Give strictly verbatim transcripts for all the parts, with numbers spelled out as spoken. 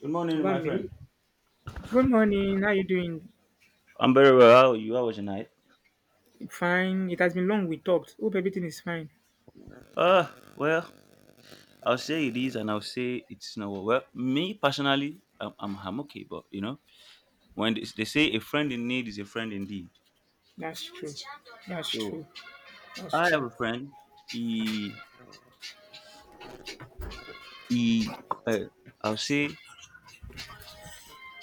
Good How morning, about my me? friend. Good morning. How you doing? I'm very well. How are you? How was your night? Fine. It has been long we talked. Hope everything is fine. Uh, well, I'll say it is and I'll say it's not well. Well, me personally, I'm, I'm, I'm okay, but you know, when they, they say a friend in need is a friend indeed. That's true. That's So true. That's I have true. a friend. He, he uh, I'll say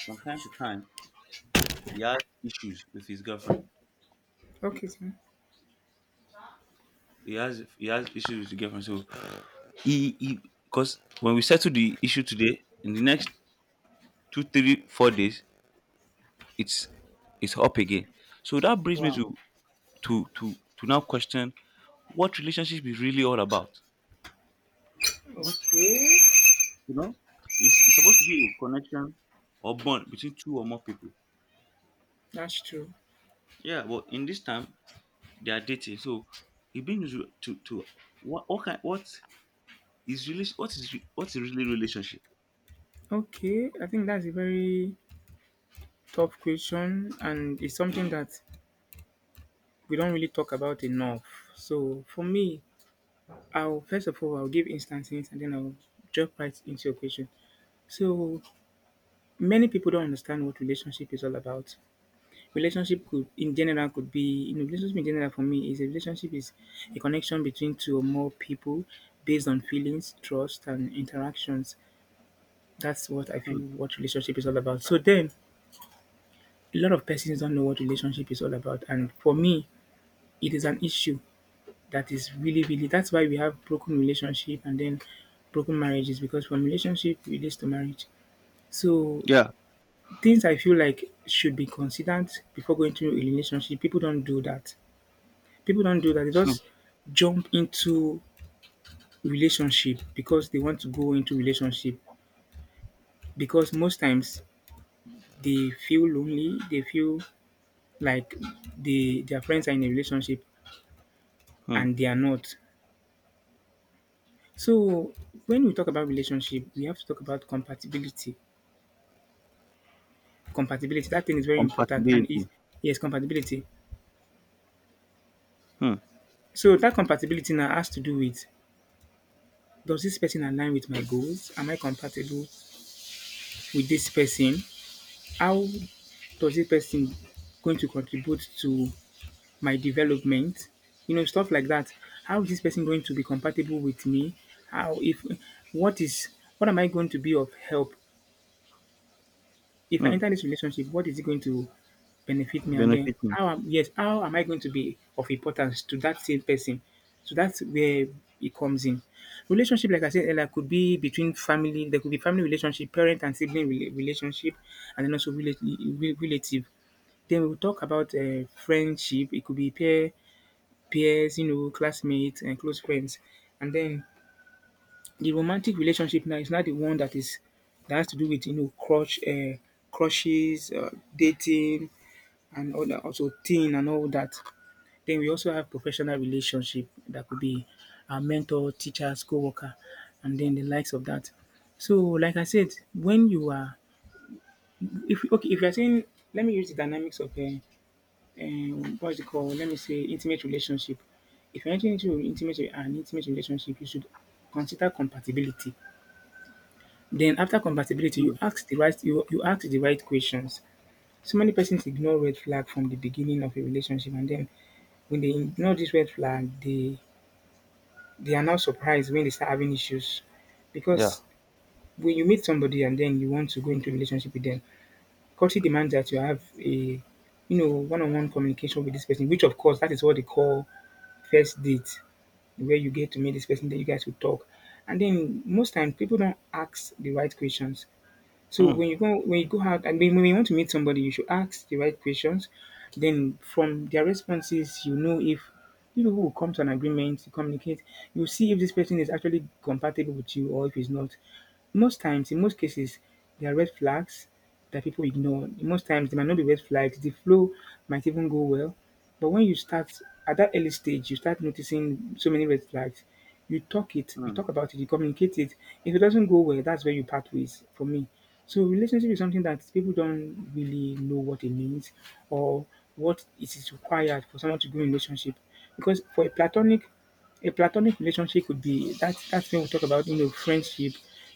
from time to time, he has issues with his girlfriend. Okay, sir. He has he has issues with his girlfriend. So he, he because when we settle the issue today, in the next two, three, four days, it's it's up again. So that brings me Wow. to to to to now question what relationship is really all about. What Okay. you know, it's it's supposed to be a connection or bond between two or more people. That's true. Yeah, but in this time they are dating, so it brings you to to what what kind what is really what is re- what is really relationship? Okay, I think that's a very tough question, and it's something that we don't really talk about enough. So for me, I'll first of all I'll give instances, and then I'll jump right into your question. So many people don't understand what relationship is all about. Relationship could in general could be you know, relationship in general, for me, is a relationship is a connection between two or more people based on feelings, trust, and interactions. That's what I feel Hmm. what relationship is all about. So then, a lot of persons don't know what relationship is all about, and for me, it is an issue that is really, really. That's why we have broken relationship and then broken marriages, because from relationship relates to marriage. So Yeah. things I feel like should be considered before going to a relationship. People don't do that. People don't do that. They Hmm. just jump into relationship because they want to go into relationship because most times they feel lonely. They feel like they their friends are in a relationship Hmm. and they are not. So when we talk about relationship, we have to talk about compatibility. Compatibility, that thing is very important, and is Compatibility. yes, compatibility. Hmm. So that compatibility now has to do with, does this person align with my goals? Am I compatible with this person? How does this person going to contribute to my development? You know, stuff like that. How is this person going to be compatible with me? How if what is What am I going to be of help? If I Hmm. enter this relationship, what is it going to benefit me? And then Benefiting. how am, yes, how am I going to be of importance to that same person? So that's where it comes in. Relationship, like I said earlier, could be between family. There could be family relationship, parent and sibling rela- relationship, and then also rela- re- relative. Then we'll talk about, uh, friendship. It could be peer peers, you know, classmates and close friends. And then the romantic relationship now is not the one that is that has to do with, you know, crush, uh, crushes, uh, dating and all that, also teen and all that. Then we also have professional relationship that could be a mentor, teachers, co-worker, and then the likes of that. So, like I said, when you are, if okay, if you're saying, let me use the dynamics of uh, um what's it called? Let me say intimate relationship. If you're entering into intimate an intimate relationship, you should consider compatibility. Then after compatibility, Hmm. you ask the right you, you ask the right questions. So many persons ignore red flag from the beginning of a relationship, and then when they ignore this red flag, they they are now surprised when they start having issues, Yeah. because when you meet somebody and then you want to go into a relationship with them, culture demands that you have a, you know, one-on-one communication with this person, which of course that is what they call first date, where you get to meet this person, then you guys will talk. And then most times people don't ask the right questions. So Hmm. when you go when you go out, and when when you want to meet somebody, you should ask the right questions. Then from their responses, you know if you people will come to an agreement to communicate. You see if this person is actually compatible with you, or if he's not. Most times, in most cases, there are red flags that people ignore. Most times, they might not be red flags. The flow might even go well, but when you start at that early stage, you start noticing so many red flags. You talk it, you Hmm. talk about it, you communicate it. If it doesn't go well, that's where you part ways. For me, so relationship is something that people don't really know what it means, or what it is required for someone to go in a relationship. Because for a platonic a platonic relationship could be that, that's when we talk about, you know, friendship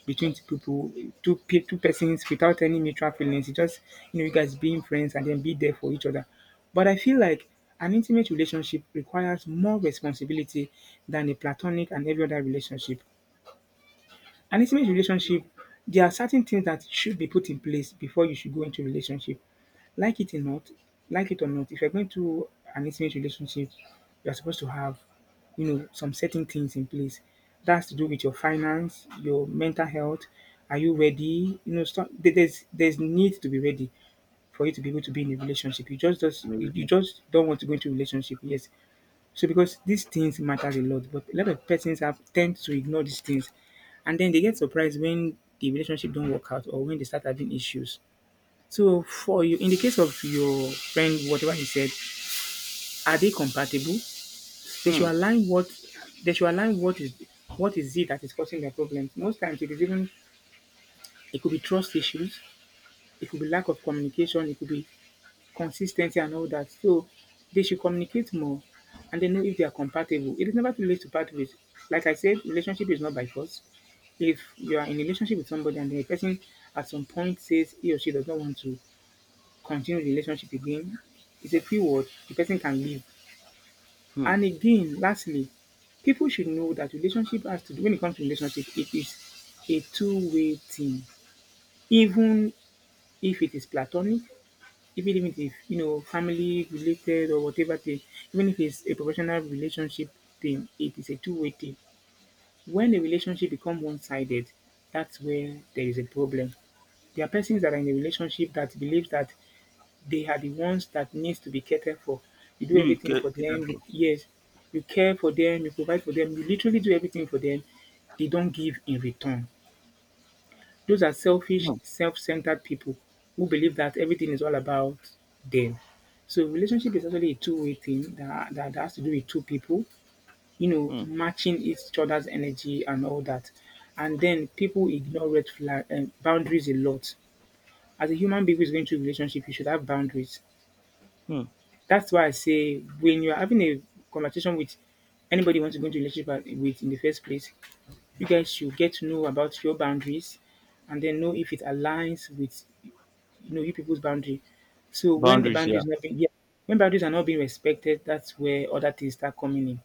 between two people, two pe- two persons without any mutual feelings. It's just, you know, you guys being friends and then be there for each other. But I feel like an intimate relationship requires more responsibility than a platonic and every other relationship. An intimate relationship, there are certain things that should be put in place before you should go into relationship. Like it or not, like it or not, if you're going to an intimate relationship, you're supposed to have, you know, some certain things in place. That's to do with your finance, your mental health. Are you ready? You know, start, there- there's there's need to be ready for you to be able to be in a relationship. You just just you you Relationship. just don't want to go into a relationship, yes, so because these things matters a lot, but a lot of persons have tend to ignore these things, and then they get surprised when the relationship don't work out, or when they start having issues. So for you, in the case of your friend, whatever he said, are they compatible? They should Hmm. align what they should align. What is what is it that is causing their problems. Most times it is even, it could be trust issues, it could be lack of communication, it could be consistency and all that. So they should communicate more, and they know if they are compatible. It is never too late to part ways. Like I said, relationship is not by force. If you are in a relationship with somebody and the person at some point says he or she does not want to continue the relationship again, it's a free word. The person can leave. Hmm. And again, lastly, people should know that relationship has to do when it comes to relationship, it is a two-way thing. Even if it is platonic, even if it's, you know, family related or whatever thing, even if it's a professional relationship thing, it is a two-way thing. When a relationship become one-sided, that's where there is a problem. There are persons that are in a relationship that believe that they are the ones that needs to be catered for. You do Maybe everything get for cater them, you- for. yes, you care for them, you provide for them, you literally do everything for them, they don't give in return. Those are selfish, Hmm, self centered people who believe that everything is all about them. So, relationship is actually a two way thing that, that, that has to do with two people, you know, hmm, matching each other's energy and all that. And then people ignore red flag and boundaries a lot. As a human being who is going through a relationship, you should have boundaries. hmm. That's why I say when you're having a conversation with anybody you want to go into a relationship uh, with in the first place, you guys should get to know about your boundaries and then know if it aligns with, you know, you people's boundary. So when a Boundaries, boundary yeah. is not being yeah, when boundaries are not being respected, that's where other things start coming in.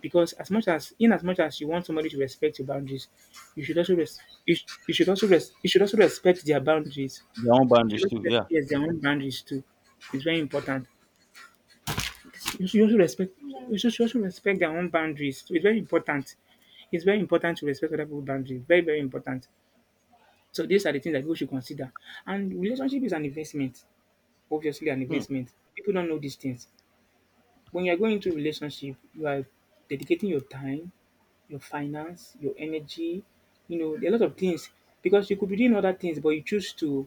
Because as much as in as much as you want somebody to respect your boundaries, you should also res- you, sh- you should also res- you should also respect their boundaries. Their own You should boundaries also too, respect, yeah. yes, their own boundaries too. It's very important. You should also respect you should should also respect their own boundaries. So it's very important. It's very important to respect other people's boundaries. Very, very important. So these are the things that people should consider. And relationship is an investment, obviously an Hmm, investment. People don't know these things. When you're going into a relationship, you are dedicating your time, your finance, your energy, you know, a lot of things. Because you could be doing other things, but you choose to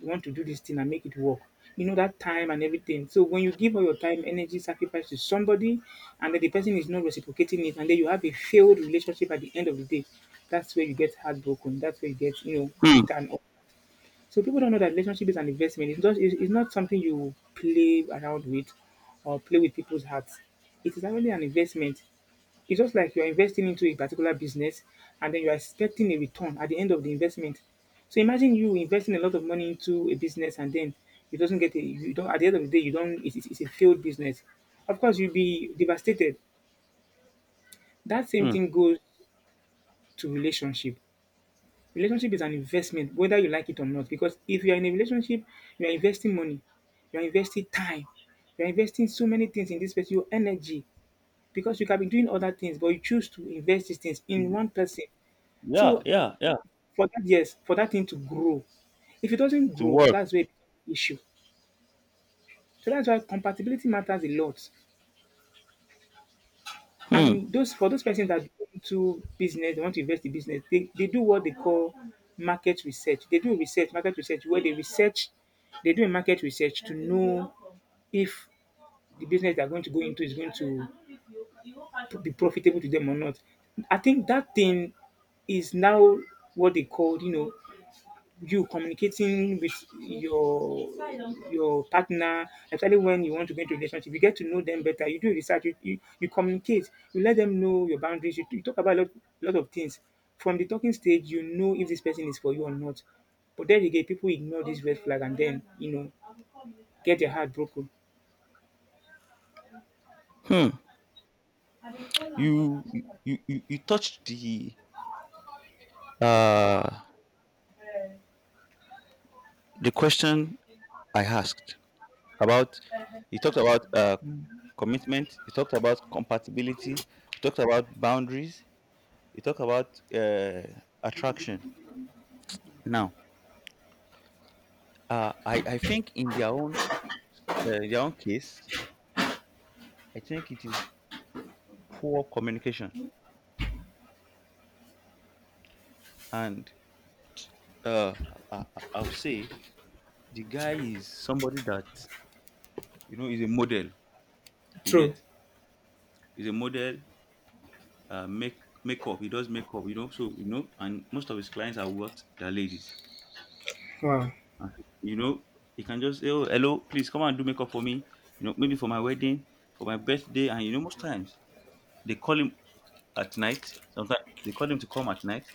want to do this thing and make it work. You know that time and everything. So when you give all your time, energy, sacrifice to somebody, and then the person is not reciprocating it, and then you have a failed relationship at the end of the day, that's where you get heartbroken. That's where you get, you know, hmm, bitter and all. So people don't know that relationship is an investment. It's not, it's it's not something you play around with, or play with people's hearts. It is actually an investment. It's just like you're investing into a particular business, and then you're expecting a return at the end of the investment. So imagine you investing a lot of money into a business and then it doesn't get a, you don't at the end of the day you don't it's, it's it's a failed business. Of course you'll be devastated. That same hmm. thing goes to relationship. Relationship is an investment, whether you like it or not. Because if you are in a relationship, you are investing money, you are investing time, you are investing so many things in this person, your energy, because you can be doing other things, but you choose to invest these things To in be- one person. yeah, So yeah, yeah. for that, yes, for that thing to grow. If it doesn't To grow, work. that's where it becomes an issue. So that's why compatibility matters a lot. Hmm, And those for those persons that go into business, they want to invest in business, they, they do what they call market research. They do research, market research, where they research, they do a market research to know if the business they're going to go into is going to p- be profitable to them or not. I think that thing is now what they call, you know, you communicating with your your partner, especially when you want to get into a relationship, you get to know them better. You do research, you, you, you communicate, you let them know your boundaries, you, you talk about a lot, lot of things. From the talking stage, you know if this person is for you or not. But then again, people ignore this red flag and then, you know, get their heart broken. hmm. You you you, you you touched the uh the question I asked about. You talked about uh Mm. commitment, you talked about compatibility, you talked about boundaries, you talked about uh attraction. Now, uh I, I think in their own uh, their own case, I think it is poor communication. And uh, I, I, I'll say the guy is somebody that you know is a model. You True. get is a model. Uh, make makeup. He does makeup. You know, so you know, and most of his clients are what they're ladies. Wow. And, you know, he can just say, "Oh, hello, please come and do makeup for me." You know, maybe for my wedding, for my birthday, and you know, most times they call him at night. Sometimes they call him to come at night.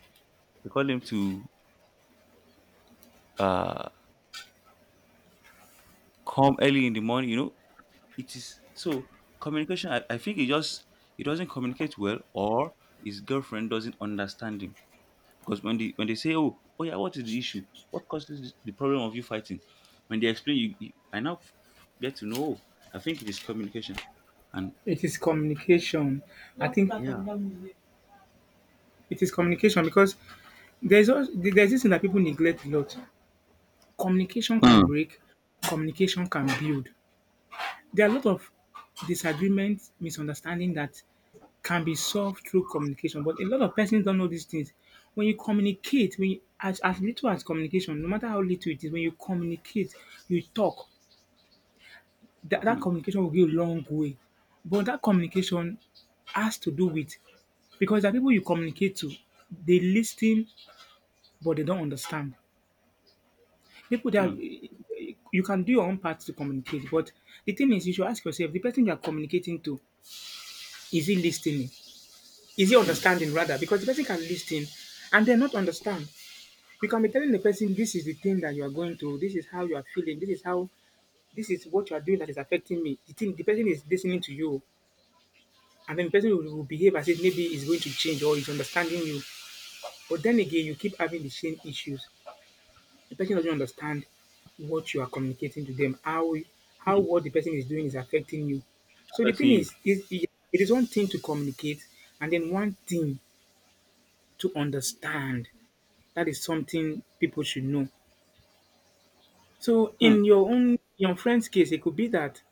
They call him to uh come early in the morning. You know, it is so communication. I, I think he just, he doesn't communicate well or his girlfriend doesn't understand him because when they when they say oh oh yeah, what is the issue, what causes this- the problem of you fighting. When they explain you, you I now f- get to know, oh, I think it is communication. And It is communication. I think yeah. it is communication because there's also, there's this thing that people neglect a lot. Communication can Hmm. break, communication can build. There are a lot of disagreements, misunderstanding that can be solved through communication, but a lot of persons don't know these things. When you communicate, when you, as as little as communication, no matter how little it is, when you communicate, you talk, that, that Hmm. communication will go a long way. But that communication has to do with because the people you communicate to, they listen but they don't understand. People that Hmm. you can do your own part to communicate, but the thing is, you should ask yourself: the person you're communicating to, is he listening? Is he Hmm. understanding rather? Because the person can listen and then not understand. You can be telling the person, "This is the thing that you are going through. This is how you are feeling. This is how. This is what you are doing that is affecting me." The thing, the person is listening to you, and then the person will, will behave as if maybe he's going to change or he's understanding you. But then again, you keep having the same issues. The person doesn't understand what you are communicating to them, how how what the person is doing is affecting you. So the Affecting thing you. is, is it is one thing to communicate, and then one thing to understand. That is something people should know. So Hmm. in your own your friend's case, it could be that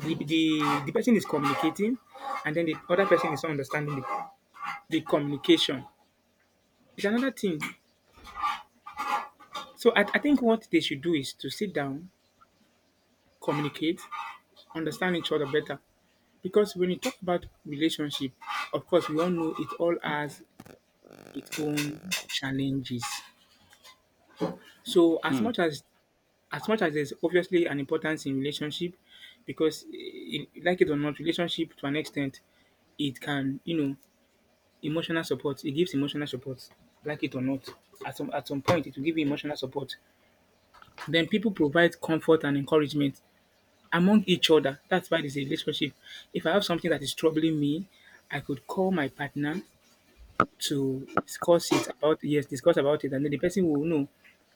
the the, the person is communicating, and then the other person is not understanding the, the communication. It's another thing. So I, I think what they should do is to sit down, communicate, understand each other better. Because when you talk about relationship, of course, we all know it all has its own challenges. So as Hmm. much as as much as there's obviously an importance in relationship, because eh, like it or not, relationship to an extent, it can you know emotional support. It gives emotional support, like it or not. At some at some point, it will give you emotional support. Then people provide comfort and encouragement among each other. That's why it's a relationship. If I have something that is troubling me, I could call my partner to discuss it about yes, discuss about it, and then the person will know,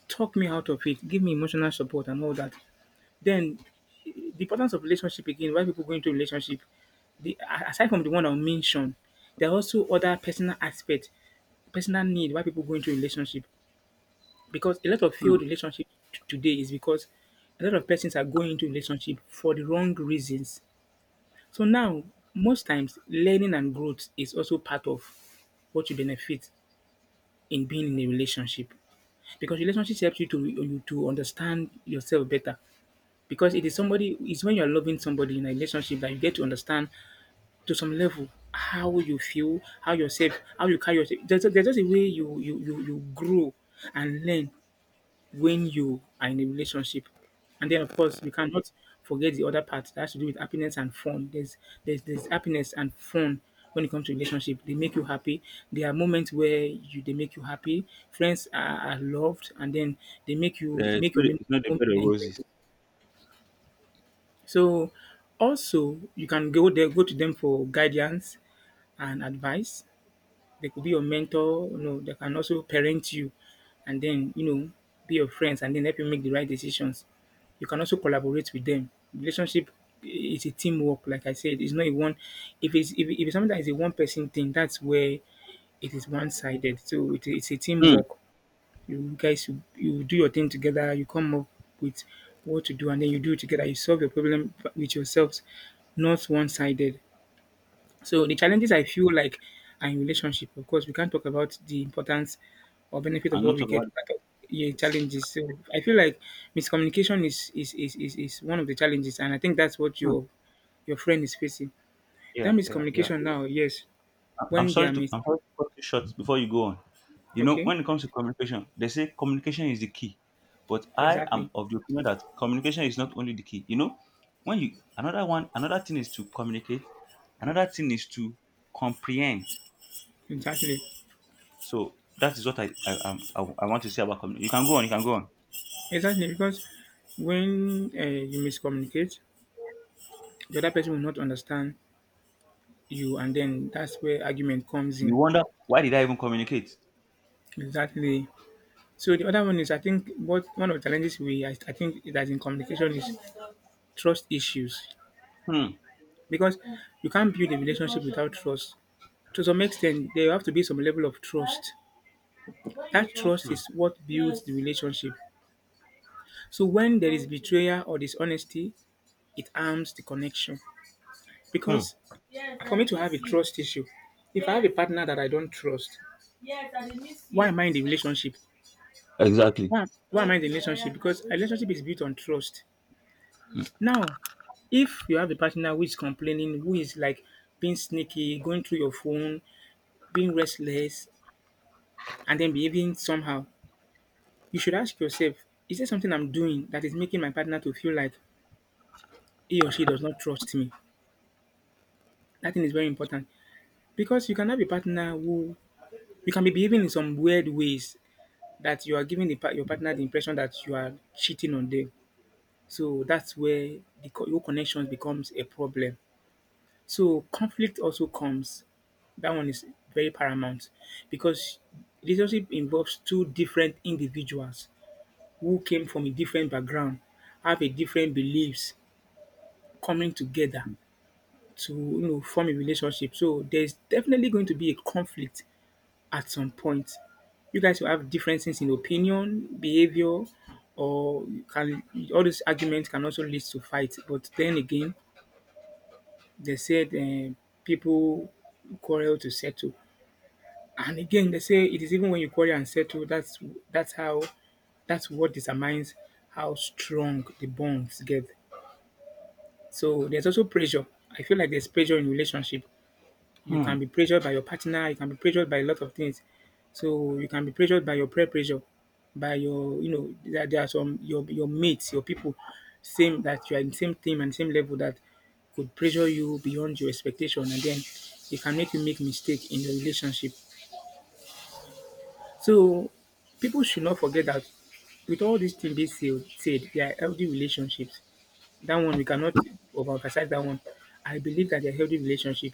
talk me out of it, give me emotional support and all that. Then the importance of relationship again, why people go into relationship, the aside from the one I mentioned, there are also other personal aspects, personal need why people go into relationship. Because a lot of Hmm. failed relationship t- today is because a lot of persons are going into relationship for the wrong reasons. So now, most times learning and growth is also part of what you benefit in being in a relationship because relationship helps you to you to understand yourself better because it is somebody it's when you're loving somebody in a relationship that you get to understand to some level how you feel, how yourself, how you carry yourself. There's, a- there's just a way you you you you grow and learn when you are in a relationship. And then, of course, we cannot forget the other part that has to do with happiness and fun. There's there's, there's happiness and fun when it comes to relationship. They make you happy. There are moments where you they make you happy. Friends are, are loved, and then they make you Yeah, it's, make your not, mem- it's not the moment bed of roses. enjoyable. So, also you can go there, go to them for guidance and advice. They could be your mentor, you know, they can also parent you and then, you know, be your friends and then help you make the right decisions. You can also collaborate with them. Relationship is a teamwork, like I said. It's not a one if it's if, it- if it's something that is a one person thing, that's where it is one sided. So it, it's a Hmm. teamwork. You guys you, you do your thing together, you come up with what to do and then you do it together, you solve your problem with yourselves, not one sided. So the challenges I feel like are in relationship. Of course, we can't talk about the importance or benefit of I'm what not we get about. without yeah, challenges. So I feel like miscommunication is is, is, is is one of the challenges, and I think that's what Hmm. your your friend is facing. That Yeah, yeah, yeah. miscommunication now, yes, I- i'm when they sorry are to mis i'm sorry to cut you short before you go on. You know, okay, when it comes to communication, they say communication is the key. But I am exactly, of the opinion that communication is not only the key. You know, when you another one, another thing is to communicate, another thing is to comprehend. exactly, So that is what I I, I'm- I, I want to say about communication. You can go on, you can go on. exactly, because when uh, you miscommunicate, the other person will not understand you, and then that's where argument comes You in. wonder why did I even communicate? Exactly. So the other one is I think what one of the challenges we I, I think that in communication is trust issues Hmm. because you can't build a relationship without trust. To some extent, there have to be some level of trust. That trust Hmm, is what builds the relationship. So when there is betrayal or dishonesty, it harms the connection. hmm. Because for me to have a trust issue, if I have a partner that I don't trust, why am I in the relationship? Exactly. Why, why am I in the relationship? Because a relationship is built on trust. Now, if you have a partner who is complaining, who is like being sneaky, going through your phone, being restless, and then behaving somehow, you should ask yourself, is there something I'm doing that is making my partner to feel like he or she does not trust me? That thing is very important because you can have a partner who you can be behaving in some weird ways that you are giving the, par- your partner the impression that you are cheating on them. So that's where the co- your connections becomes a problem. So conflict also comes. That one is very paramount because relationship involves two different individuals who came from a different background, have a different beliefs, coming together to you know form a relationship. So there's definitely going to be a conflict at some point. You guys will have differences in opinion, behavior, or you can all these arguments can also lead to fight. But then again, they said eh, people quarrel to settle. And again, they say it is even when you quarry and settle that's that's how that's what determines how strong the bonds get. So there's also pressure. I feel like there's pressure in relationship. You Hmm. can be pressured by your partner. You can be pressured by a lot of things. So you can be pressured by your peer pressure, by your you know there, there are some your your mates, your people, same that you are in same team and same level that could pressure you beyond your expectation, and then it can make you make mistake in the relationship. So people should not forget that with all these things being said, said, they are healthy relationships. That one we cannot overemphasize that one. I believe that they're healthy relationship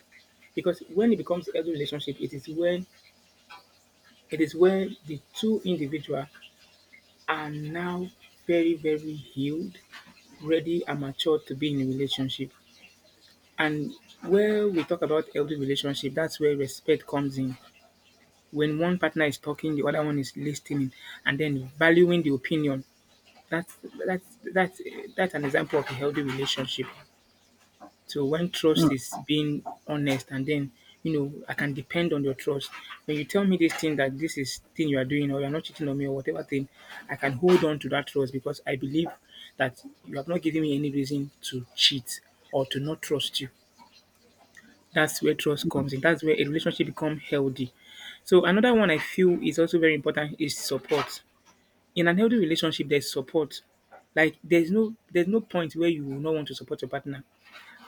because when it becomes a healthy relationship, it is when it is when the two individual are now very very healed, ready and mature to be in a relationship. And where we talk about healthy relationship, that's where respect comes in. When one partner is talking, the other one is listening, and then valuing the opinion. That's that's that's that's an example of a healthy relationship. So when Hmm. trust is being honest and then you know I can depend on your trust. When you tell me this thing that this is thing you are doing or you're not cheating on me or whatever thing, I can hold on to that trust because I believe that you have not given me any reason to cheat or to not trust you. That's where trust comes in. That's where a relationship become healthy. So another one I feel is also very important is support. In an healthy relationship, there's support. Like there's no there's no point where you will not want to support your partner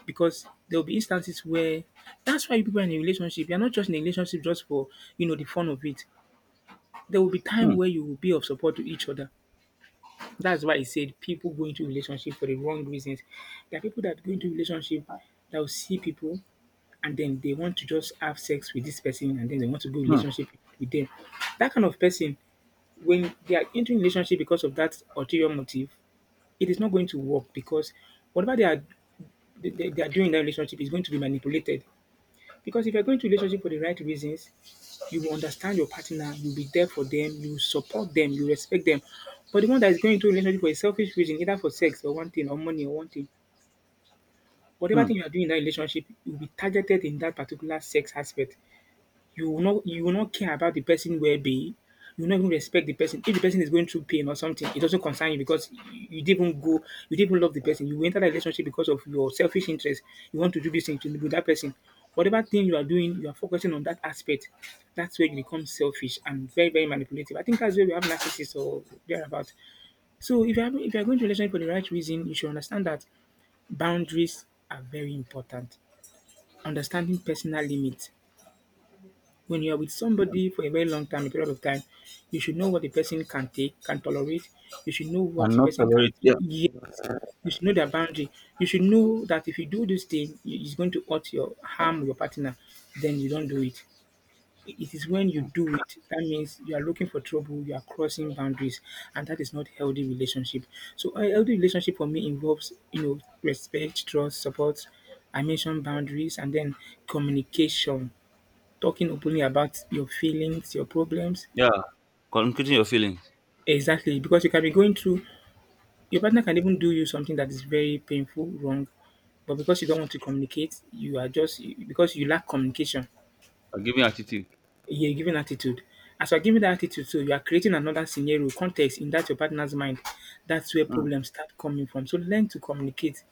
because there will be instances where that's why people are in a relationship. You're not just in a relationship just for you know the fun of it. There will be Hmm. time where you will be of support to each other. That's why I said people go into relationship for the wrong reasons. There are people that go into relationship that will see people and then they want to just have sex with this person and then they want to go Hmm. relationship with them. That kind of person, when they are into relationship because of that ulterior motive, it is not going to work because whatever they are, they, they- are doing in that relationship is going to be manipulated. Because if you're going to relationship for the right reasons, you will understand your partner, you'll be there for them, you will support them, you respect them. But the one that is going into a relationship for a selfish reason, either for sex or one thing, or money or one thing, whatever Hmm. thing you are doing in that relationship, you'll be targeted in that particular sex aspect. You will not you will not care about the person well-being. You will not even respect the person. If the person is going through pain or something, it doesn't concern you because you, you didn't even go, you didn't even love the person. You enter that relationship because of your selfish interest. You want to do this thing to with that person. Whatever thing you are doing, you are focusing on that aspect. That's where you become selfish and very, very manipulative. I think that's where we have narcissists or thereabout. So if you are if you are going to relationship for the right reason, you should understand that boundaries are very important. Understanding personal limits, when you're with somebody for a very long time, a period of time, you should know what the person can take, can tolerate. You should know what And the not person can. tolerate. Yeah. Yes, you should know their boundary. You should know that if you do this thing, i- it's going to hurt your harm your partner. Then you don't do it. It is when you do it that means you are looking for trouble. You are crossing boundaries, and that is not healthy relationship. So a healthy relationship for me involves you know respect, trust, support. I mentioned boundaries and then communication, talking openly about your feelings, your problems. Yeah. Communicating your feelings. Exactly, because you can be going through, your partner can even do you something that is very painful, wrong, but because you don't want to communicate, you are just, because you lack communication, Or giving attitude. you're giving attitude. As you're giving that attitude, so you are creating another scenario, context in that your partner's mind. That's where Hmm. problems start coming from. So learn to communicate.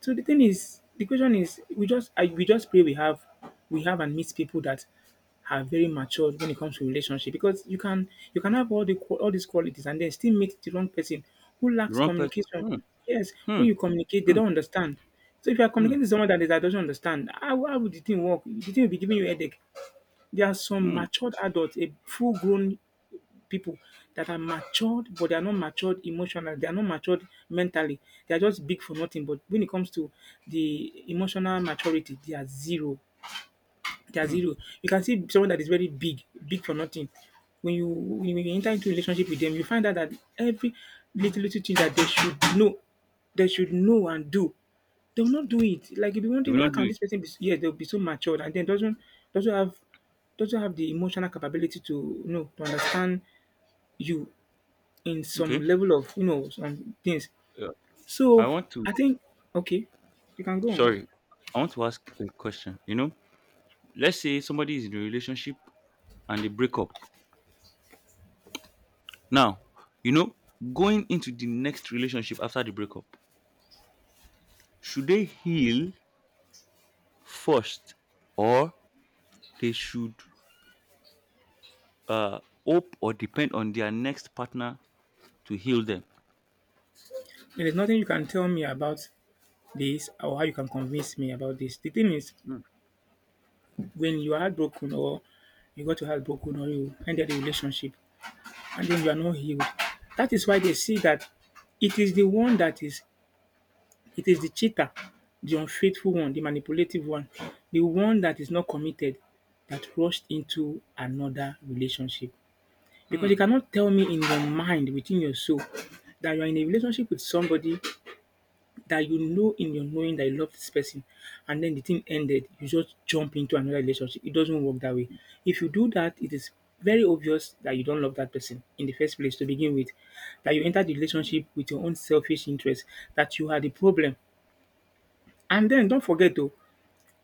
So the thing is, the question is, we just I, we just pray we have we have and meet people that are very matured when it comes to relationship, because you can you can have all the qua- all these qualities and then still meet the wrong person who The lacks wrong person. communication. Hmm. Yes, Hmm. when you communicate, they Hmm. don't understand. So if you are Hmm. communicating to someone that, is- that doesn't understand, how, how would the thing work? The thing will be giving you headache. There are some Hmm. matured adults, a full grown people that are matured, but they are not matured emotionally. They are not matured mentally. They are just big for nothing. But when it comes to the emotional maturity, they are zero. They are Mm. zero. You can see someone that is very big, big for nothing. When you when you enter into a relationship with them, you find out that every little little thing that they should know, they should know and do, they will not do it. Like you'll be They wondering will how not do can it. this person be, yes, they'll be so matured and then doesn't doesn't have doesn't have the emotional capability to you know to understand you in some Okay. level of you know some things. Yeah. I So want to. I think, okay, you can go on. Sorry. I want to ask a question. You know, let's say somebody is in a relationship and they break up. Now, you know, going into the next relationship after the breakup, should they heal first, or they should uh hope or depend on their next partner to heal them? There's nothing you can tell me about this or how you can convince me about this. The thing is, Hmm. when you are heartbroken or you got your heart broken or you ended a relationship and then you are not healed, that is why they see that it is the one that is, it is the cheater, the unfaithful one, the manipulative one, the one that is not committed that rushed into another relationship. Because Hmm, you cannot tell me in your mind, within your soul, that you are in a relationship with somebody that you know in your knowing that you love this person and then the thing ended, you just jump into another relationship. It doesn't work that way. If you do that, it is very obvious that you don't love that person in the first place to begin with. That you entered the relationship with your own selfish interest, that you had a problem. And then don't forget though,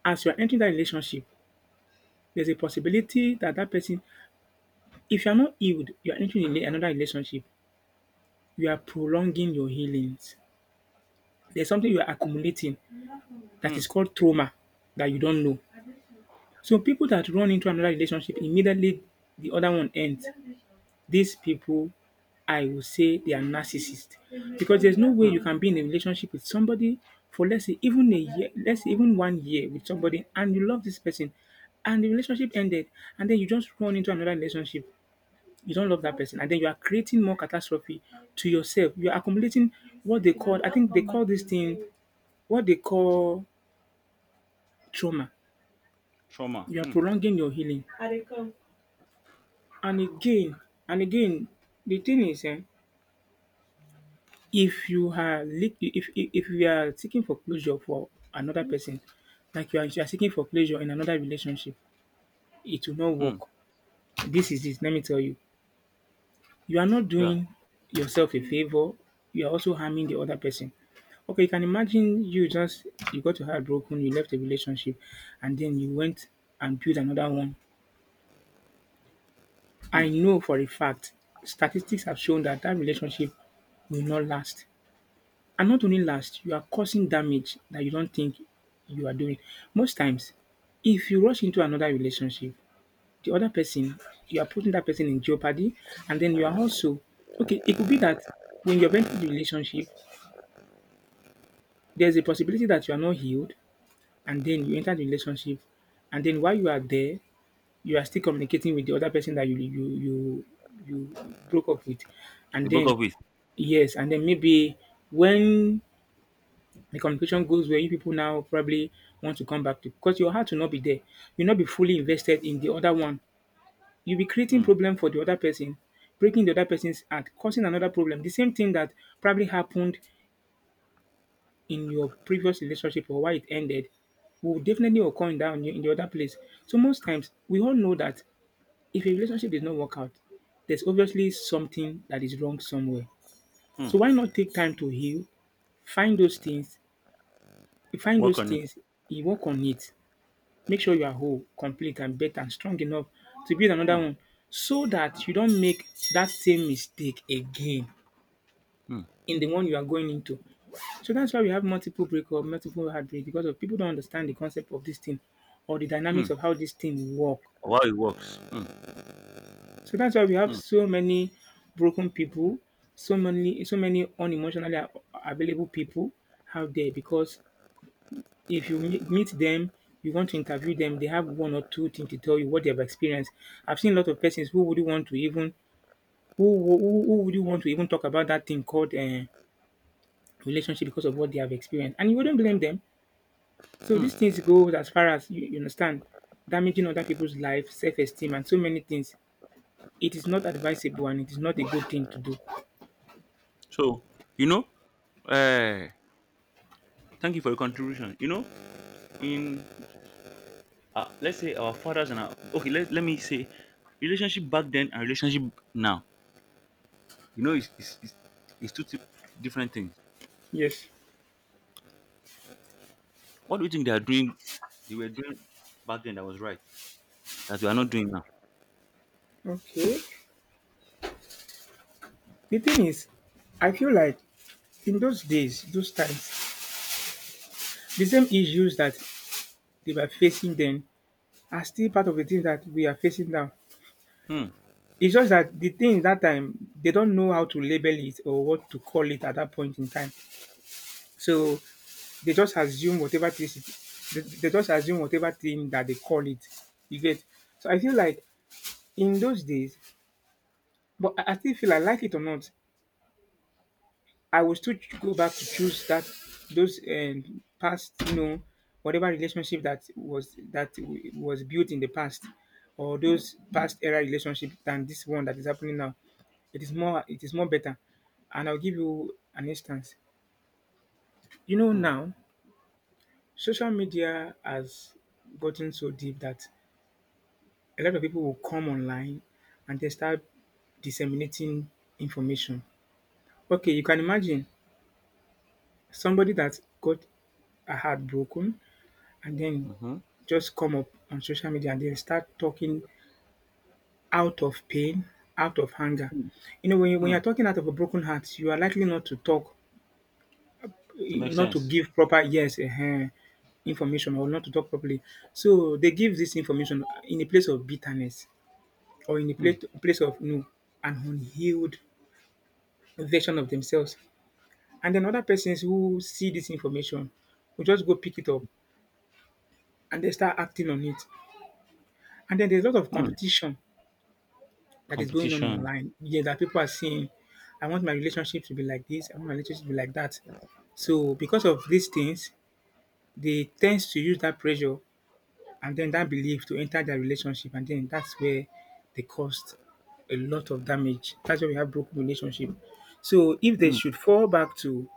as you are entering that relationship, there's a possibility that that person, if you're not healed, you're entering in another relationship, you are prolonging your healings. There's something you are accumulating that hmm, is called trauma that you don't know. So people that run into another relationship immediately the other one ends, these people, I will say they are narcissists, because there's no way hmm. you can be in a relationship with somebody for, let's say, even a year, let's say even one year with somebody and you love this person and the relationship ended and then you just run into another relationship. You don't love that person, and then you are creating more catastrophe to yourself. You are accumulating what they call, I think they call this thing, what they call trauma. Trauma. You are Hmm, prolonging your healing. And again and again, the thing is, eh? If you are lik if if if you are seeking for closure for another person, like you are you are seeking for closure in another relationship, it will not hmm. work. This is it, let me tell you. You are not Yeah. doing yourself a favour, you are also harming the other person. Okay, you can imagine, you just, you got your heart broken, you left a relationship and then you went and built another one. I Hmm. know for a fact statistics have shown that that relationship will not last. And not only last, you are causing damage that you don't think you are doing. Most times, if you rush into another relationship, the other person, you are putting that person in jeopardy. And then you are also, okay, it could be that when you've entered the relationship, there's a possibility that you are not healed. And then you enter the relationship. And then while you are there, you are still communicating with the other person that you you you, you broke up with. And They broke then, up with. yes, and then maybe when the communication goes where you people now probably want to come back to, because your heart will not be there. You'll not be fully invested in the other one. You'll be creating Hmm, problem for the other person, breaking the other person's heart, causing another problem. The same thing that probably happened in your previous relationship or why it ended will definitely occur in that, in the in the other place. So most times we all know that if a relationship did not work out, there's obviously something that is wrong somewhere. So hmm. why not take time to heal, find those things, find Work those on it. things, you work on it. Make sure you are whole, complete and better and strong enough to build another Hmm, one, so that you don't make that same mistake again hmm, in the one you are going into. So that's why we have multiple breakup, multiple heartbreak, because of people don't understand the concept of this thing or the hmm. dynamics of how this thing work. How it works. Mm, So that's why we have mm, so many broken people, so many so many unemotionally a- available people out there because if you meet meet them, you want to interview them, they have one or two things to tell you what they have experienced. I've seen a lot of persons who wouldn't want to even who who, who would you want to even talk about that thing called uh, relationship because of what they have experienced, and you wouldn't blame them. So these things mm. go as far as you, you understand, damaging other people's life, self-esteem, and so many things. It is not advisable, and it is not a good thing to do. So you know, uh, thank you for your contribution. You know, in uh, let's say our fathers and our okay, let, let me say relationship back then and relationship now. You know, it's it's, it's, it's two ti- different things. Yes. What do you think they are doing? They were doing back then that was right that we are not doing now. Okay. The thing is, I feel like in those days, those times, the same issues that they were facing then are still part of the things that we are facing now. Hmm. It's just that the thing that time they don't know how to label it or what to call it at that point in time. So they just assume whatever thing they, they just assume whatever thing that they call it. You get, so I feel like in those days, but I I still feel, I like it or not, I will still ch- go back to choose that those um, past, you know, whatever relationship that was, that w- was built in the past, or those past era relationship than this one that is happening now. It is more, it is more better, and I'll give you an instance. You know Hmm. now, social media has gotten so deep that a lot of people will come online and they start disseminating information. Okay, you can imagine somebody that got a heart broken and then Mm-hmm. just come up on social media and then start talking out of pain, out of anger. You know, when you, when Hmm. you're talking out of a broken heart, you are likely not to talk, To eh, make not to sense. give proper yes, uh, information or not to talk properly. So they give this information in a place of bitterness or in a Hmm. place, place of no, an unhealed version of themselves. And then other persons who see this information will just go pick it up and they start acting on it. And then there's a lot of Hmm. competition that is going on Competition. online. Yeah, that people are saying, I want my relationship to be like this, I want my relationship to be like that. So because of these things, they tend to use that pressure and then that belief to enter their relationship, and then that's where they caused a lot of damage. That's why we have broken relationship. So if they Hmm. should fall back to,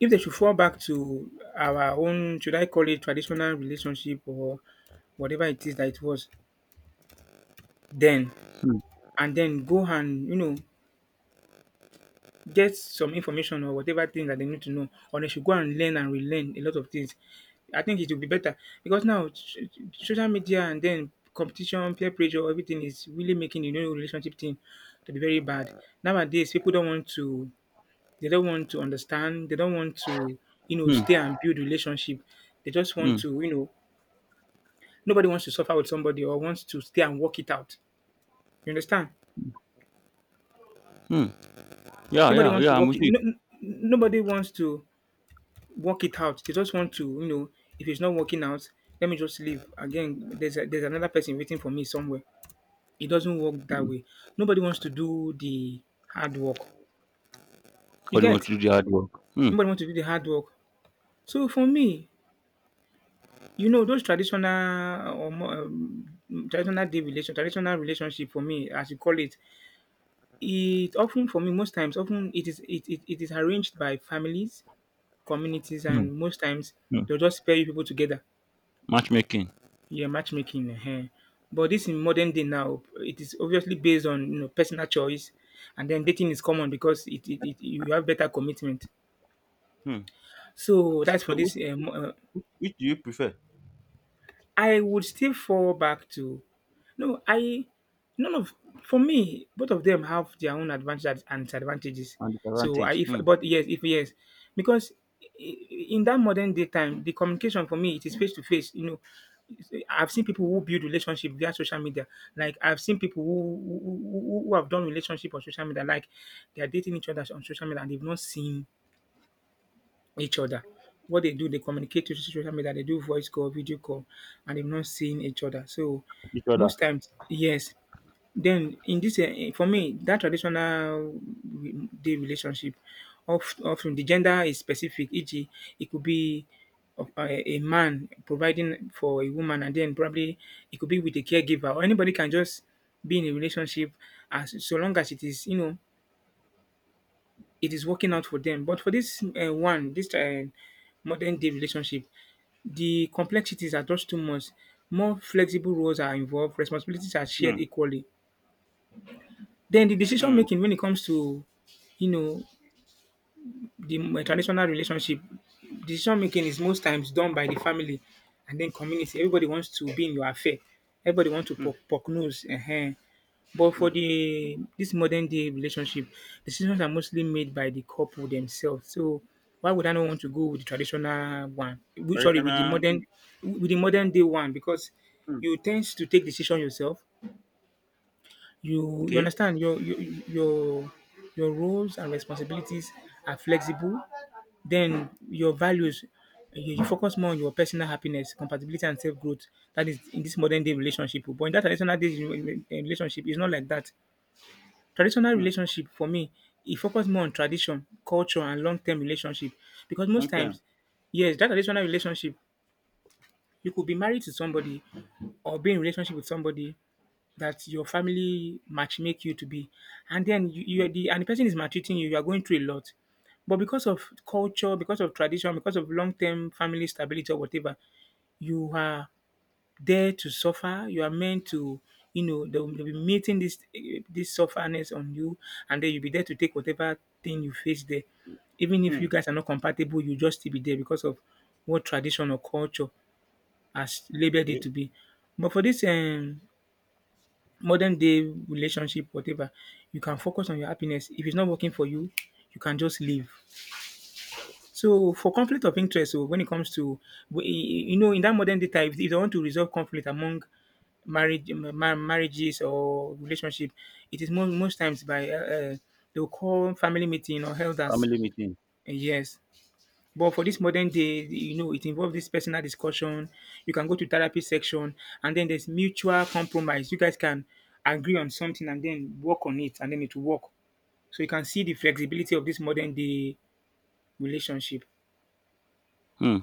if they should fall back to our own, should I call it traditional relationship or whatever it is that it was then, Hmm. and then go and, you know, get some information or whatever thing that they need to know, or they should go and learn and relearn a lot of things. I think it will be better because now s- social media and then competition, peer pressure, everything is really making the new relationship thing to be very bad. Nowadays, people don't want to, they don't want to understand, they don't want to, you know, stay Hmm. and build relationship. They just want Hmm. to, you know, nobody wants to suffer with somebody or wants to stay and work it out. You understand? Hmm. Yeah. Nobody Yeah. wants Yeah. to I'm work with it. you. No, n- nobody wants to work it out. They just want to, you know, if it's not working out, let me just leave. Again, there's a, there's another person waiting for me somewhere. It doesn't work that way. Nobody wants to do the hard work. You God, you want get? to do the hard work. Hmm. Nobody wants to do the hard work. So for me, you know, those traditional or more, um, traditional day relation, traditional relationship for me, as you call it, it often for me most times often it is it, it, it is arranged by families, communities, Hmm. and most times Hmm. they'll just pair you people together. Matchmaking. Yeah, matchmaking, ehen. But this in modern day now, it is obviously based on, you know, personal choice, and then dating is common because it, it, it, you have better commitment. Hmm. So that's for So which this um, uh, which do you prefer? I would still fall back to, no, I, none of, for me, both of them have their own advantages and disadvantages. And So I, disadvantage? if, Hmm. but yes, if yes, because i- in that modern day time, the communication for me, it is face to face. You know, I've seen people who build relationship via social media. Like I've seen people who who, who who have done relationship on social media. Like they are dating each other on social media and they've not seen each other. What they do, they communicate to social media, they do voice call, video call, and they've not seen each other. So Each other. most times, yes. Then in this, eh, eh, for me, that traditional re- day relationship, of often the gender is specific. e g, it could be of- a a man providing for a woman, and then probably it could be with a caregiver, or anybody can just be in a relationship as so long as it is, you know, it is working out for them. But for this uh, one, this uh, modern day relationship, the complexities are just too much. More flexible roles are involved, responsibilities are Hmm. shared equally. Then the decision Hmm. making when it comes to, you know, the traditional relationship, decision making is most times done by the family and then community. Everybody wants to be in your affair. Everybody wants to Hmm. poke, poke nose. uh But for Hmm. the this modern day relationship, decisions are mostly made by the couple themselves. So why would I not want to go with the traditional one? Which, sorry, with the Traditional. Hmm. modern, with the modern day one because Hmm. you tend to take decision yourself. You you Okay. understand your your your, your roles and responsibilities are flexible. Then your values, you, you focus more on your personal happiness, compatibility, and self growth. That is in this modern day relationship. But in that traditional day relationship, it's not like that. Traditional Hmm. relationship for me, e focus more on tradition, culture and long term relationship because most Long times, time. yes, that traditional relationship, you could be married to somebody or be in relationship with somebody that your family match make you to be, and then you you Hmm. are the, and the person is maltreating you, you are going through a lot. But because of culture, because of tradition, because of long term family stability or whatever, you are there to suffer. You are meant to, you know, they'll be meeting this, this sufferness on you, and then you'll be there to take whatever thing you face there. Even if Hmm. you guys are not compatible, you just still be there because of what tradition or culture has labeled it to Okay. be. But for this um, modern day relationship, whatever, you can focus on your happiness. If it's not working for you, you can just leave. So for conflict of interest, so when it comes to, we- you know, in that modern day time, if if they want to resolve conflict among marriage ma- marriages or relationship, it is most, most times by uh, uh, they will call family meeting or elders. Family meeting. Uh, Yes, but for this modern day, you know, it involves this personal discussion. You can go to therapy section, and then there's mutual compromise. You guys can agree on something and then work on it, and then it will work. So you can see the flexibility of this modern day relationship. Hmm.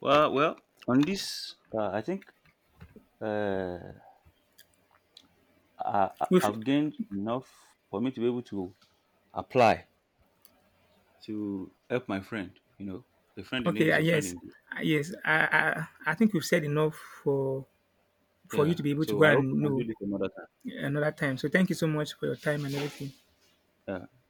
Well, well. On this, uh, I think uh, I, I- I've gained enough for me to be able to apply to help my friend. You know, a friend in need Okay, uh, is a friend in yes, need. uh, yes. I, I I think we've said enough for for you Yeah. to be able to go So I hope we and can do know. this another time. Another time. So thank you so much for your time and everything. Yeah.